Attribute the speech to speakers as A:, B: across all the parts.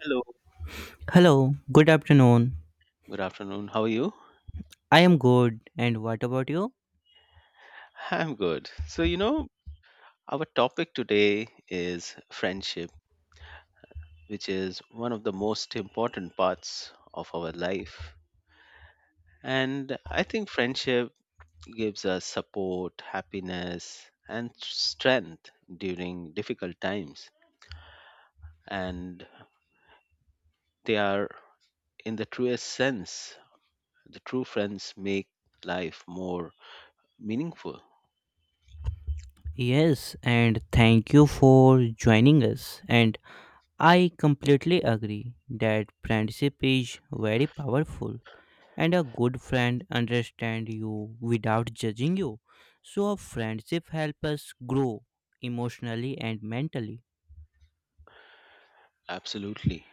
A: Hello,
B: Hello, good afternoon.
A: good afternoon. How are you?
B: I am good, and what about you?
A: I'm good. Our topic today is friendship, which is one of the most important parts of our life. And I think friendship gives us support, happiness, and strength during difficult times. And they are, in the truest sense, the true friends make life more meaningful.
B: Yes, and thank you for joining us. And I completely agree that friendship is very powerful, and a good friend understands you without judging you. So, a friendship helps us grow emotionally and mentally.
A: Absolutely.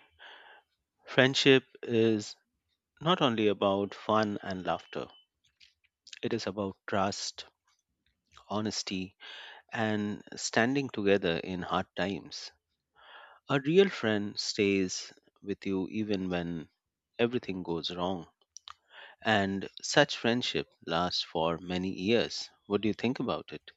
A: Friendship is not only about fun and laughter, it is about trust, honesty, and standing together in hard times. A real friend stays with you even when everything goes wrong, and such friendship lasts for many years. What do you think about it?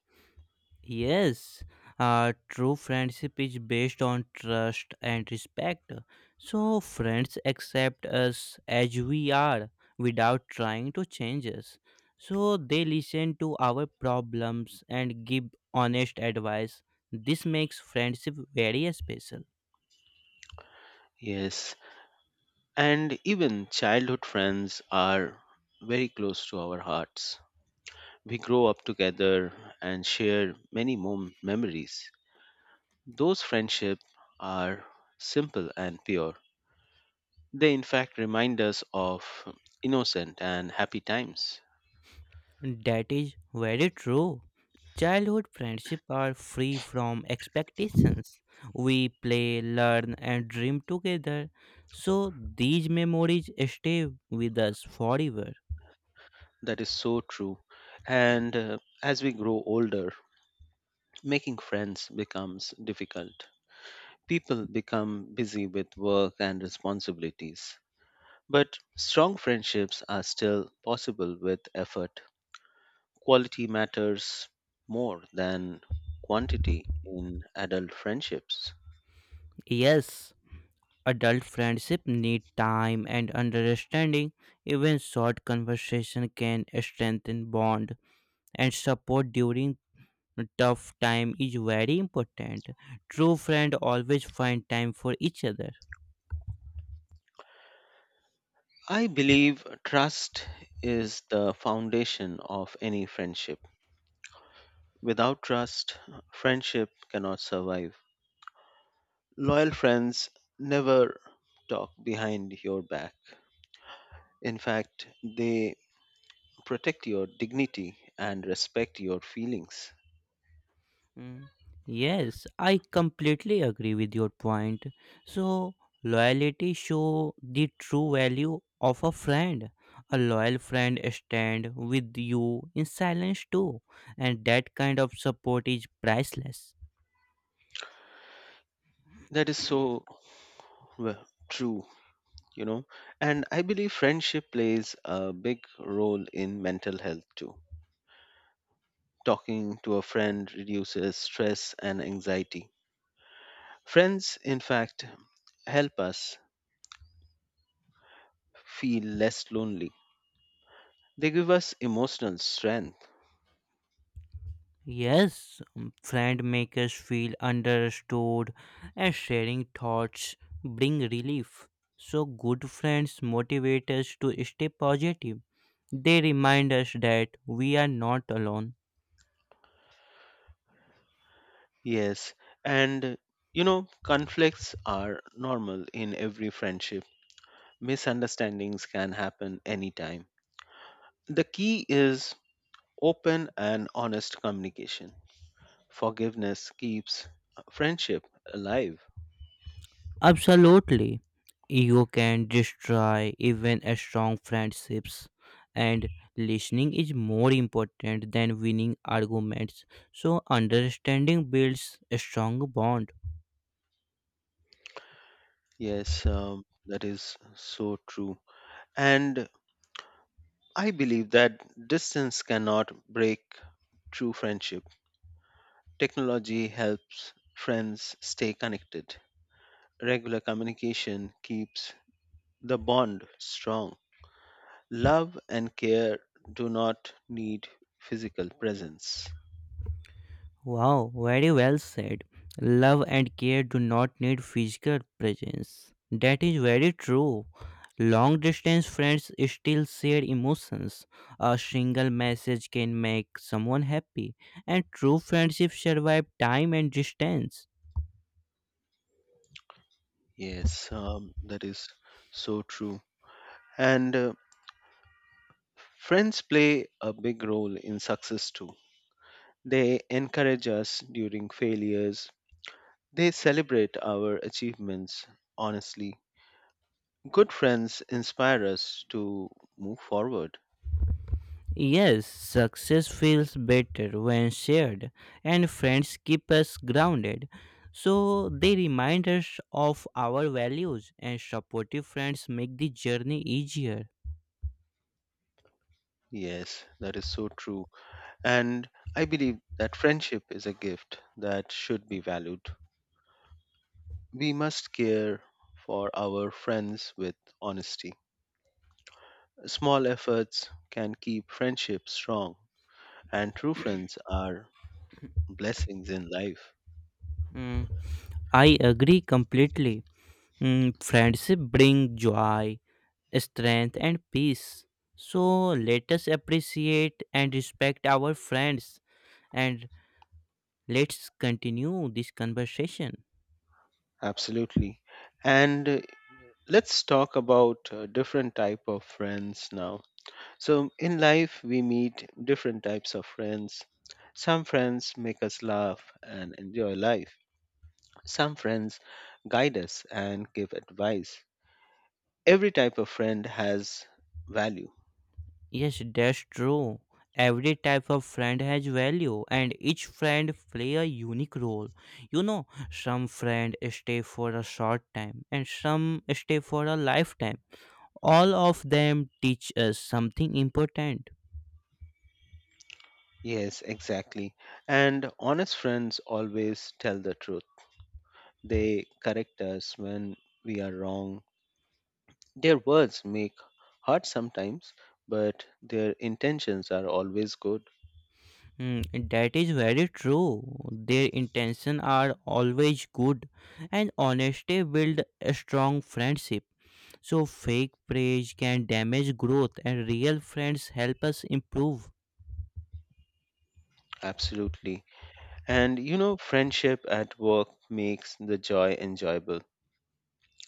B: Yes, true friendship is based on trust and respect. So, friends accept us as we are without trying to change us. So, they listen to our problems and give honest advice. This makes friendship very special.
A: Yes, and even childhood friends are very close to our hearts. We grow up together and share many more memories. Those friendships are simple and pure. They, in fact, remind us of innocent and happy times.
B: That is very true. Childhood friendships are free from expectations. We play, learn, and dream together, so these memories stay with us forever.
A: That is so true. And as we grow older, making friends becomes difficult. People become busy with work and responsibilities. But strong friendships are still possible with effort. Quality matters more than quantity in adult friendships.
B: Yes, adult friendship need time and understanding. Even short conversation can strengthen bond and support during tough time is very important. True friend always find time for each other.
A: I believe trust is the foundation of any friendship. Without trust, friendship cannot survive. Loyal friends never talk behind your back. In fact, they protect your dignity and respect your feelings.
B: Mm, Yes, I completely agree with your point. So, loyalty show the true value of a friend. A loyal friend stand with you in silence too, and that kind of support is priceless.
A: That is so well, true, you know. And I believe friendship plays a big role in mental health too. Talking to a friend reduces stress and anxiety. Friends, in fact, help us feel less lonely. They give us emotional strength.
B: Yes, friend make us feel understood, and sharing thoughts bring relief. So, good friends motivate us to stay positive. They remind us that we are not alone.
A: Yes, and conflicts are normal in every friendship. Misunderstandings can happen anytime. The key is open and honest communication. Forgiveness keeps friendship alive.
B: Absolutely. Ego can destroy even a strong friendships and listening is more important than winning arguments. So understanding builds a strong bond.
A: Yes, that is so true. And I believe that distance cannot break true friendship. Technology helps friends stay connected. Regular communication keeps the bond strong. Love and care do not need physical presence.
B: Wow, very well said. Love and care do not need physical presence. That is very true. Long distance friends still share emotions. A single message can make someone happy, and true friendship survive time and distance.
A: Yes, that is so true. And friends play a big role in success too. They encourage us during failures, they celebrate our achievements honestly. Good friends inspire us to move forward.
B: Yes, success feels better when shared, and friends keep us grounded. So they remind us of our values, and supportive friends make the journey easier.
A: Yes, that is so true. And I believe that friendship is a gift that should be valued. We must care for our friends with honesty. Small efforts can keep friendship strong, and true friends are blessings in life.
B: Mm, I agree completely. Friendship bring joy, strength, and peace. So let us appreciate and respect our friends and let's continue this conversation.
A: Absolutely. And let's talk about different type of friends now. So in life we meet different types of friends. Some friends make us laugh and enjoy life. Some friends guide us and give advice. Every type of friend has value.
B: Yes, that's true. Every type of friend has value and each friend play a unique role. You know, some friend stay for a short time and some stay for a lifetime. All of them teach us something important.
A: Yes, exactly. And honest friends always tell the truth. They correct us when we are wrong. Their words make hurt sometimes, but their intentions are always good.
B: That is very true. Their intentions are always good, and honesty builds a strong friendship. So, fake praise can damage growth, and real friends help us improve.
A: Absolutely. And you know, friendship at work makes the joy enjoyable.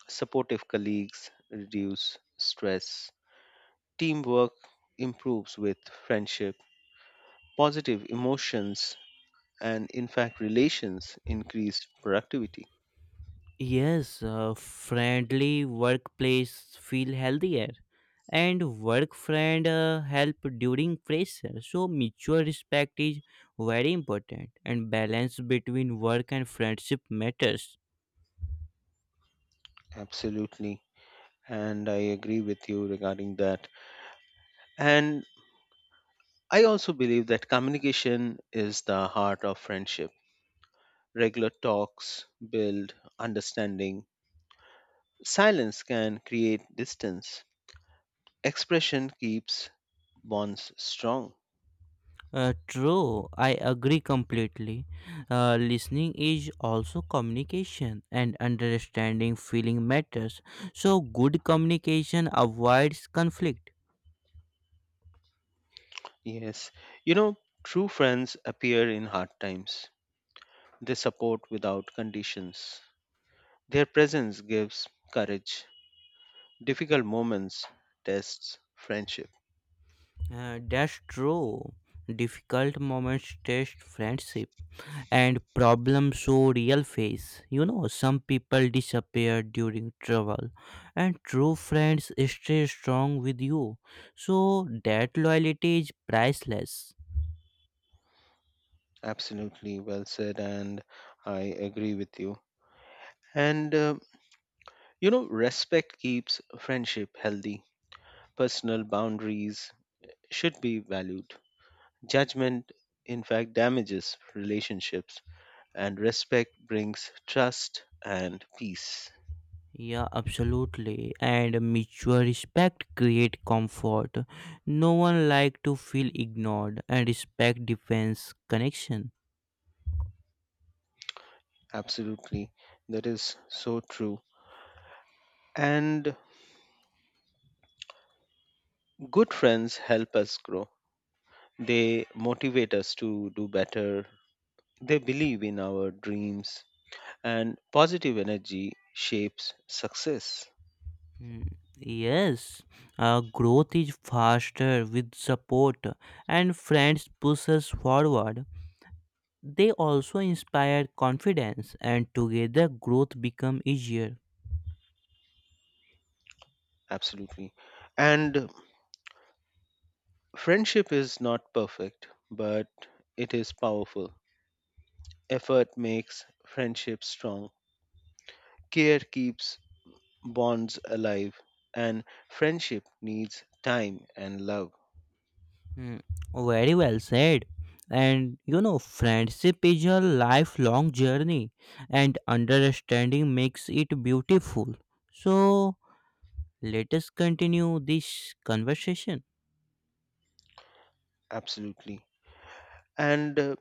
A: Supportive colleagues reduce stress. Teamwork improves with friendship, positive emotions, and in fact, relations increase productivity.
B: Yes, a friendly workplace feel healthier, and work friend help during pressure. So, mutual respect is very important, and balance between work and friendship matters.
A: Absolutely. And I agree with you regarding that. And I also believe that communication is the heart of friendship. Regular talks build understanding. Silence can create distance. Expression keeps bonds strong.
B: True, I agree completely. Listening is also communication, and understanding feeling matters. So, good communication avoids conflict.
A: Yes. You know, true friends appear in hard times. They support without conditions. Their presence gives courage. Difficult moments tests friendship.
B: That's true. Difficult moments test friendship, and problems show real face. You know, some people disappear during trouble, and true friends stay strong with you. So, that loyalty is priceless.
A: Absolutely well said, and I agree with you. And you know, respect keeps friendship healthy. Personal boundaries should be valued. Judgment, in fact, damages relationships, and respect brings trust and peace.
B: Yeah, absolutely. And mutual respect create comfort. No one like to feel ignored, and respect defends connection.
A: Absolutely, that is so true. And good friends help us grow. They motivate us to do better. They believe in our dreams. And positive energy shapes success.
B: Hmm. Yes, growth is faster with support, and friends push us forward. They also inspire confidence, and together growth become easier.
A: Absolutely. And friendship is not perfect, but it is powerful. Effort makes friendship strong. Care keeps bonds alive. And friendship needs time and love.
B: Hmm. Very well said. And you know, friendship is a lifelong journey, and understanding makes it beautiful. So, let us continue this conversation.
A: Absolutely. And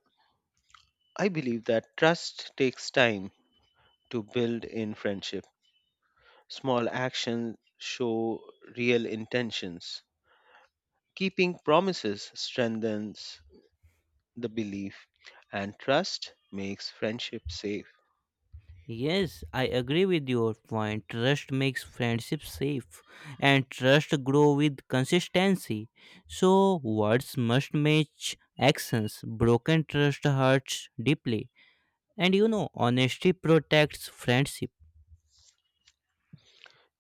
A: I believe that trust takes time to build in friendship. Small actions show real intentions. Keeping promises strengthens the belief, and trust makes friendship safe.
B: Yes, I agree with your point. Trust makes friendship safe, and trust grow with consistency. So, words must match actions. Broken trust hurts deeply, and you know, honesty protects friendship.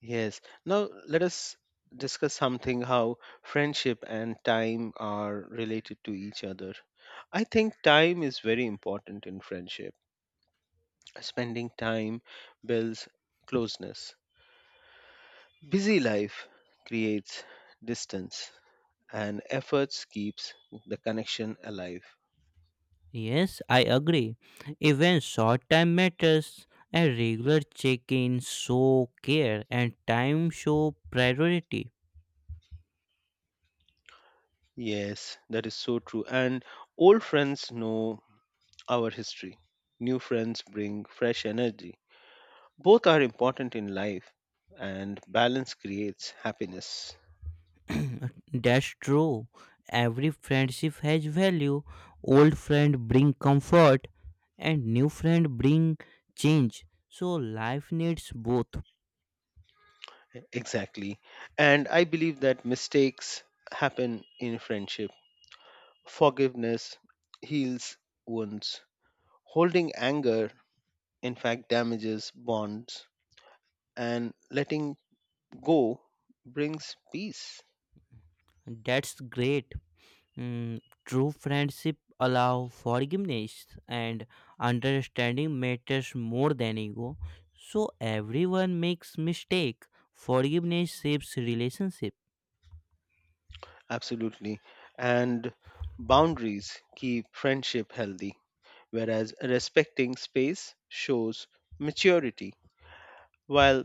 A: Yes, now let us discuss something how friendship and time are related to each other. I think time is very important in friendship. Spending time builds closeness. Busy life creates distance, and efforts keeps the connection alive.
B: Yes, I agree. Even short time matters. A regular check-in show care and time show priority.
A: Yes, that is so true. And old friends know our history. New friends bring fresh energy. Both are important in life, and balance creates happiness.
B: That's true. Every friendship has value. Old friend bring comfort and new friend bring change. So life needs both.
A: Exactly. And I believe that mistakes happen in friendship. Forgiveness heals wounds. Holding anger, in fact, damages bonds. And letting go brings peace.
B: That's great. True friendship allow forgiveness and understanding matters more than ego. So everyone makes mistake. Forgiveness shapes relationship.
A: Absolutely. And boundaries keep friendship healthy, whereas respecting space shows maturity, while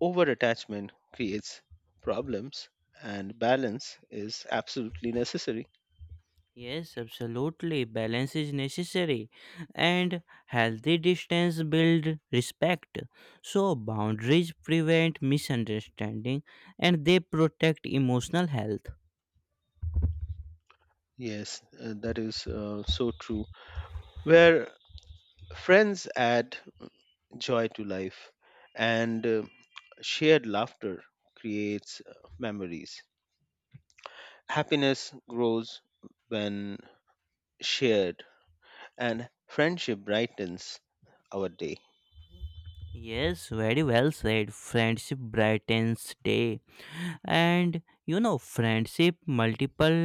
A: overattachment creates problems and balance is absolutely necessary.
B: Yes, absolutely. Balance is necessary, and healthy distance build respect. So boundaries prevent misunderstanding, and they protect emotional health.
A: Yes, that is so true. Where friends add joy to life and shared laughter creates memories. Happiness grows when shared, and friendship brightens our day.
B: Yes, very well said. Friendship brightens day. And you know friendship multiple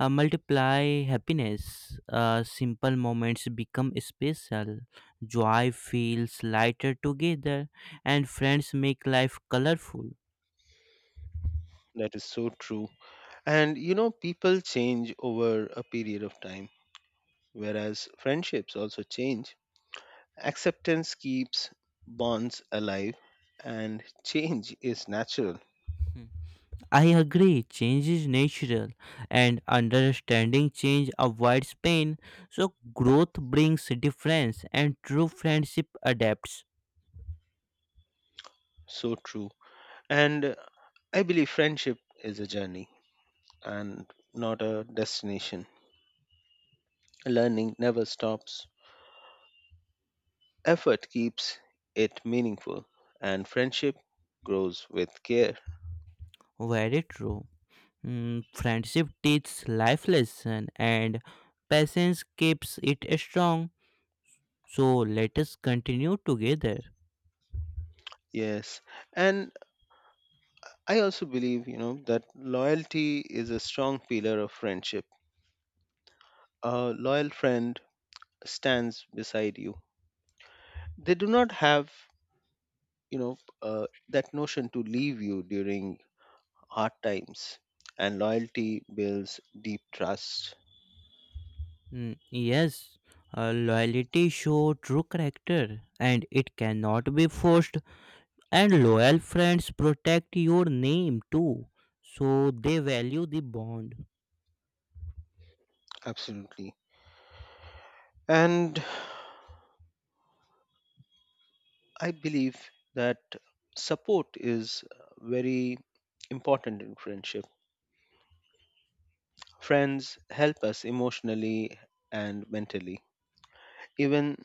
B: multiply happiness, simple moments become special, joy feels lighter together, and friends make life colorful.
A: That is so true. And you know, people change over a period of time, whereas friendships also change. Acceptance keeps bonds alive, and change is natural.
B: Hmm. I agree, change is natural and understanding change avoids pain, so growth brings difference and true friendship adapts.
A: So true. And I believe friendship is a journey and not a destination. Learning never stops, effort keeps it meaningful, and friendship grows with care.
B: Very true. Friendship teaches life lesson and patience keeps it strong. So let us continue together.
A: Yes, and I also believe, you know, that loyalty is a strong pillar of friendship. A loyal friend stands beside you. They do not have, that notion to leave you during hard times, and loyalty builds deep trust.
B: Yes, loyalty show true character and it cannot be forced. And loyal friends protect your name too. So they value the bond.
A: Absolutely. And I believe that support is very important in friendship. Friends help us emotionally and mentally. Even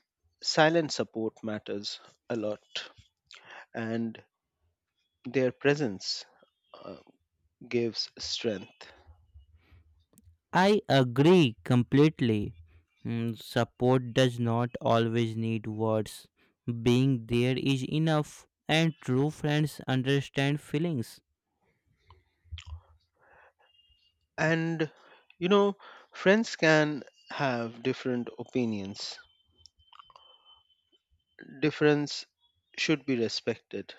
A: silent support matters a lot, and their presence uh, gives strength.
B: I agree completely. Support does not always need words. Being there is enough, and true friends understand feelings.
A: And you know, friends can have different opinions, difference should be respected.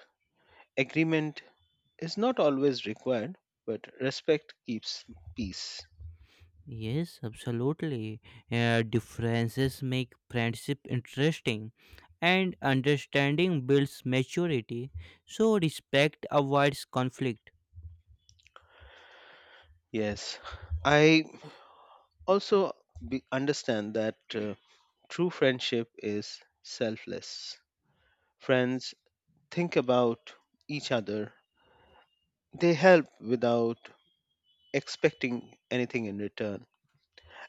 A: Agreement is not always required, but respect keeps peace.
B: Yes, absolutely. Differences make friendship interesting, and understanding builds maturity. So, respect avoids conflict.
A: Yes, I also understand that true friendship is selfless. Friends think about each other, they help without expecting anything in return,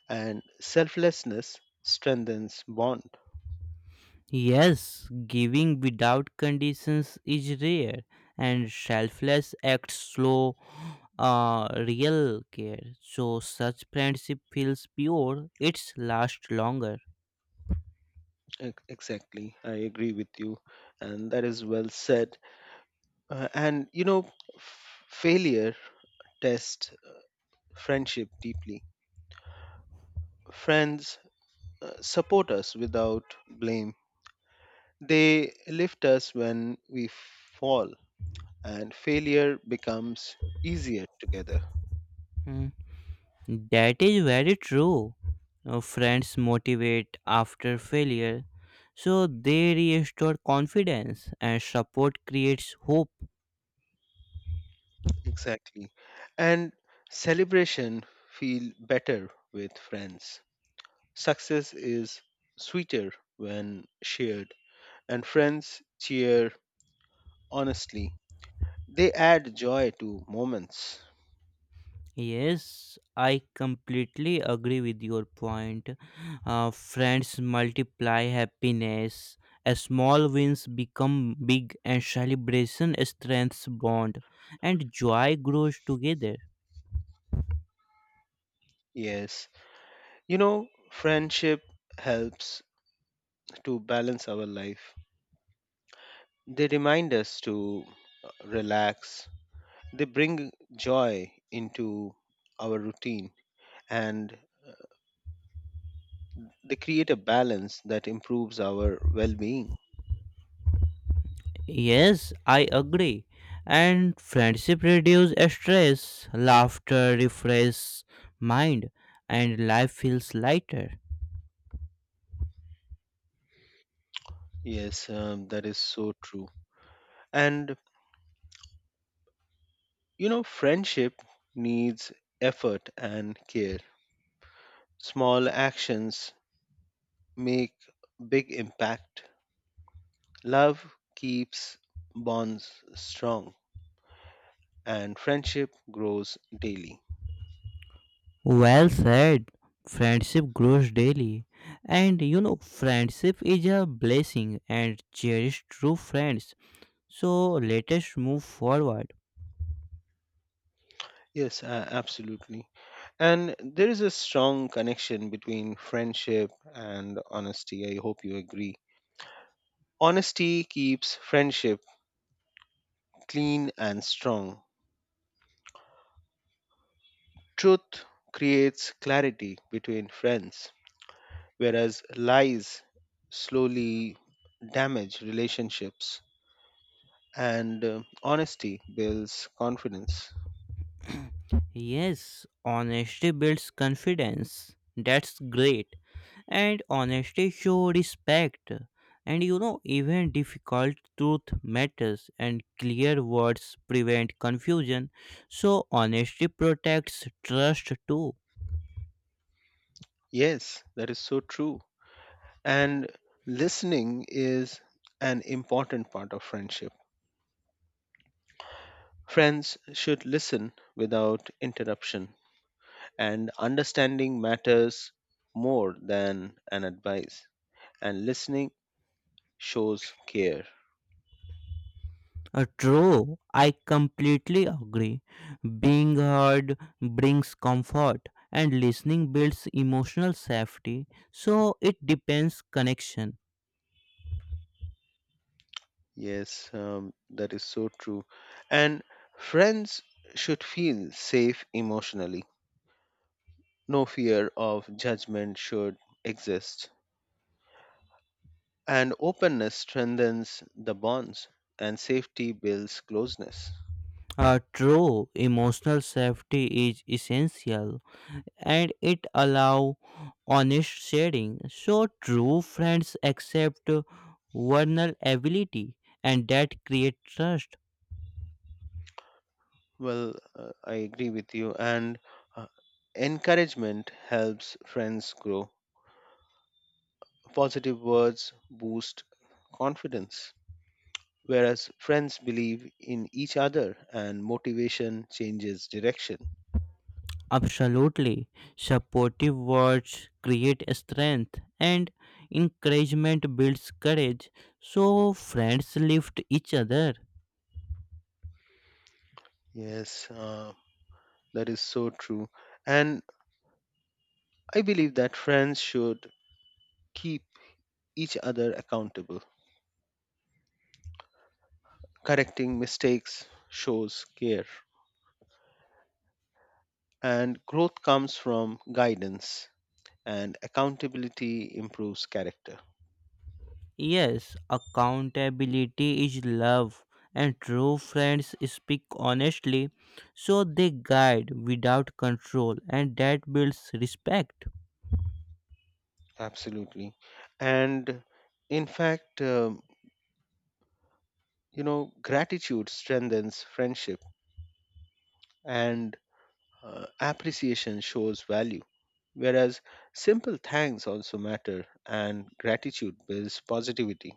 A: and selflessness strengthens bond.
B: Yes, giving without conditions is rare, and selfless acts slow real care. So such friendship feels pure; it's last longer.
A: Exactly, I agree with you and that is well said. And you know, f- failure tests friendship deeply. Friends support us without blame. They lift us when we fall, and failure becomes easier together.
B: Hmm. That is very true. Friends motivate after failure, so they restore confidence, and support creates hope.
A: Exactly. And celebration feel better with friends. Success is sweeter when shared, and friends cheer honestly. They add joy to moments.
B: Yes, I completely agree with your point. Friends multiply happiness. A small wins become big, and celebration strengthens bond, and joy grows together.
A: Yes, you know, friendship helps to balance our life. They remind us to relax, they bring joy into our routine, and they create a balance that improves our well being.
B: Yes, I agree. And friendship reduces stress, laughter refresh mind, and life feels lighter.
A: Yes, that is so true. And you know, friendship needs effort and care. Small actions make big impact. Love keeps bonds strong and friendship grows daily.
B: Well said. Friendship grows daily. And you know, friendship is a blessing and cherish true friends. So let us move forward.
A: Yes, absolutely. And there is a strong connection between friendship and honesty. I hope you agree. Honesty keeps friendship clean and strong. Truth creates clarity between friends, whereas lies slowly damage relationships. And honesty builds confidence.
B: Yes, honesty builds confidence. That's great. And honesty shows respect. And you know, even difficult truth matters, and clear words prevent confusion. So, honesty protects trust too.
A: Yes, that is so true. And listening is an important part of friendship. Friends should listen without interruption, and understanding matters more than an advice. And listening shows care.
B: True, I completely agree. Being heard brings comfort, and listening builds emotional safety. So it depends connection.
A: Yes, that is so true. And friends should feel safe emotionally. No fear of judgment should exist. And openness strengthens the bonds, and safety builds closeness.
B: True, emotional safety is essential, and it allow honest sharing. So true friends accept vulnerability, and that create trust.
A: Well, I agree with you. And uh, encouragement helps friends grow. Positive words boost confidence, whereas friends believe in each other and motivation changes direction.
B: Absolutely. Supportive words create strength and encouragement builds courage. So friends lift each other.
A: Yes, that is so true. And I believe that friends should keep each other accountable. Correcting mistakes shows care, and growth comes from guidance and accountability improves character.
B: Yes, accountability is love and true friends speak honestly. So they guide without control and that builds respect.
A: Absolutely. And in fact, gratitude strengthens friendship and appreciation shows value. Whereas simple thanks also matter and gratitude builds positivity.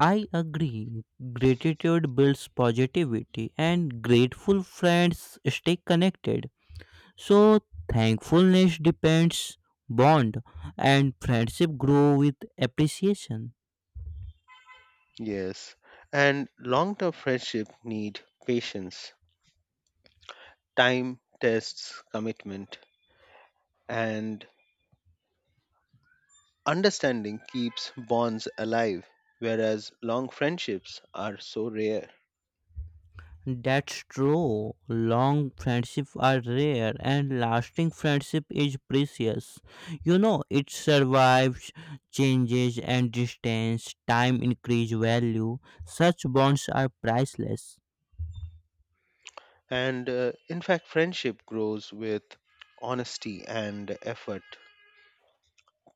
B: I agree. Gratitude builds positivity and grateful friends stay connected. So thankfulness depends bond and friendship grow with appreciation.
A: Yes. And long term friendship need patience, time tests commitment, and understanding keeps bonds alive, whereas long friendships are so rare.
B: That's true. Long friendships are rare and lasting friendship is precious. You know, it survives changes and distance, time increase value. Such bonds are priceless.
A: And in fact, friendship grows with honesty and effort.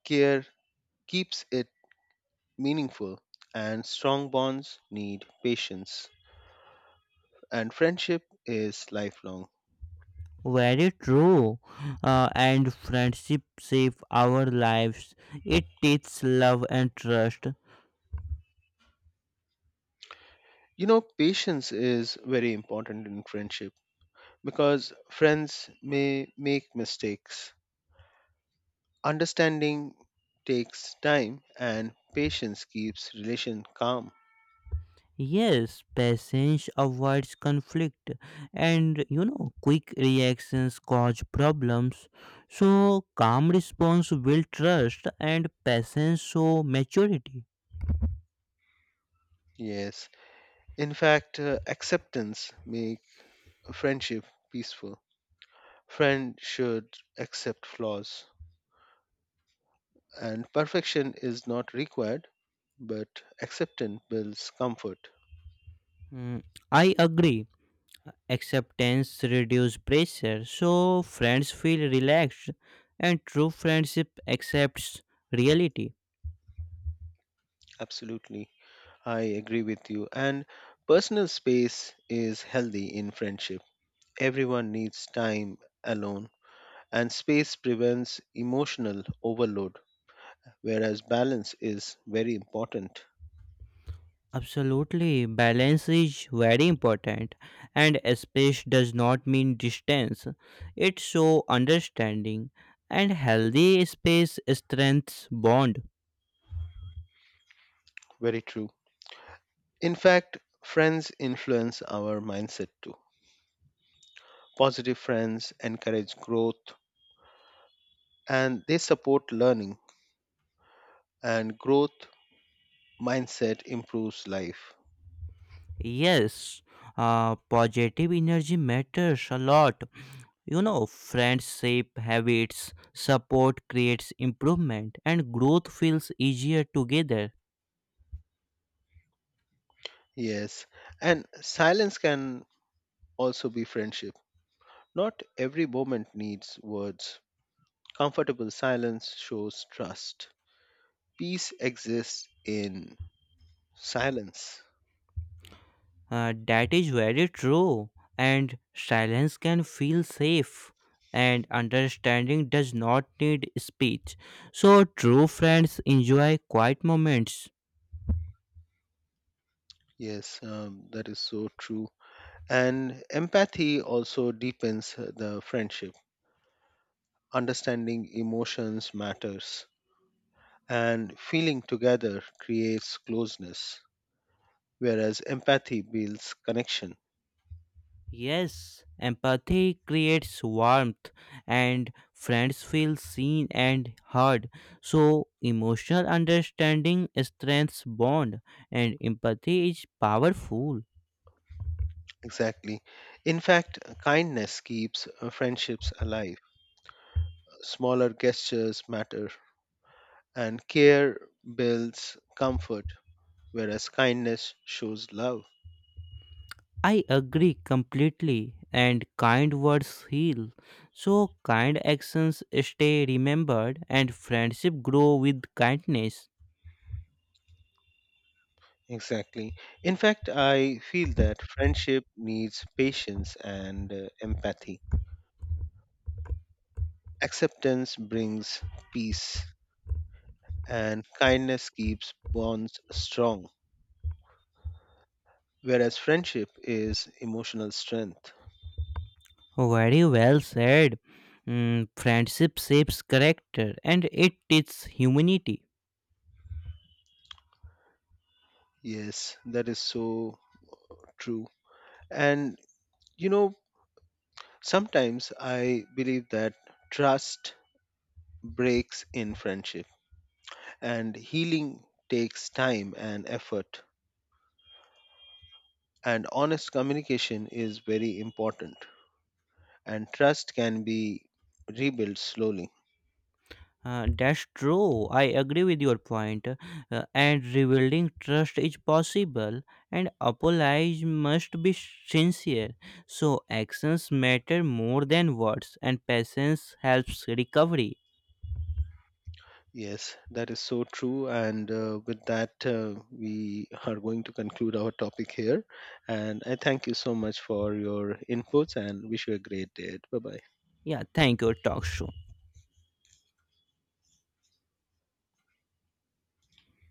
A: Care keeps it meaningful, and strong bonds need patience. And friendship is lifelong.
B: Very true. And friendship save our lives. It teaches love and trust.
A: You know, patience is very important in friendship because friends may make mistakes. Understanding takes time and patience keeps relation calm.
B: Yes, patience avoids conflict, and you know, quick reactions cause problems. So, calm response builds trust, and patience shows maturity.
A: Yes. In fact, acceptance make a friendship peaceful. Friend should accept flaws and perfection is not required, but acceptance builds comfort.
B: Mm, I agree. Acceptance reduces pressure, so friends feel relaxed, and true friendship accepts reality.
A: Absolutely. I agree with you and personal space is healthy in friendship. Everyone needs time alone and space prevents emotional overload, whereas balance is very important.
B: Absolutely, balance is very important, and space does not mean distance. It shows understanding, and healthy space strengthens bond.
A: Very true. In fact, friends influence our mindset too. Positive friends encourage growth and they support learning, and growth mindset improves life.
B: Yes, positive energy matters a lot. You know, friendship, habits, support creates improvement, and growth feels easier together.
A: Yes, and silence can also be friendship. Not every moment needs words. Comfortable silence shows trust. Peace exists in silence.
B: That is very true, and silence can feel safe, and understanding does not need speech. So, true friends enjoy quiet moments.
A: Yes, that is so true. And empathy also deepens the friendship. Understanding emotions matters, and feeling together creates closeness, whereas empathy builds connection.
B: Yes, empathy creates warmth, and friends feel seen and heard. So, emotional understanding strengthens bond, and empathy is powerful.
A: Exactly. In fact, kindness keeps friendships alive. Smaller gestures matter, and care builds comfort, whereas kindness shows love.
B: I agree completely, and kind words heal. So, kind actions stay remembered, and friendship grow with kindness.
A: Exactly. In fact, I feel that friendship needs patience and empathy. Acceptance brings peace, and kindness keeps bonds strong, whereas friendship is emotional strength.
B: Very well said. Friendship shapes character and it teaches humanity.
A: Yes, that is so true. And you know, sometimes I believe that trust breaks in friendship, and healing takes time and effort. And honest communication is very important, and trust can be rebuilt slowly.
B: That's true. I agree with your point. And rebuilding trust is possible, and apologies must be sincere. So actions matter more than words, and patience helps recovery.
A: Yes, that is so true. And with that, we are going to conclude our topic here. And I thank you so much for your inputs and wish you a great day. Bye bye.
B: Yeah, thank you. Talk soon.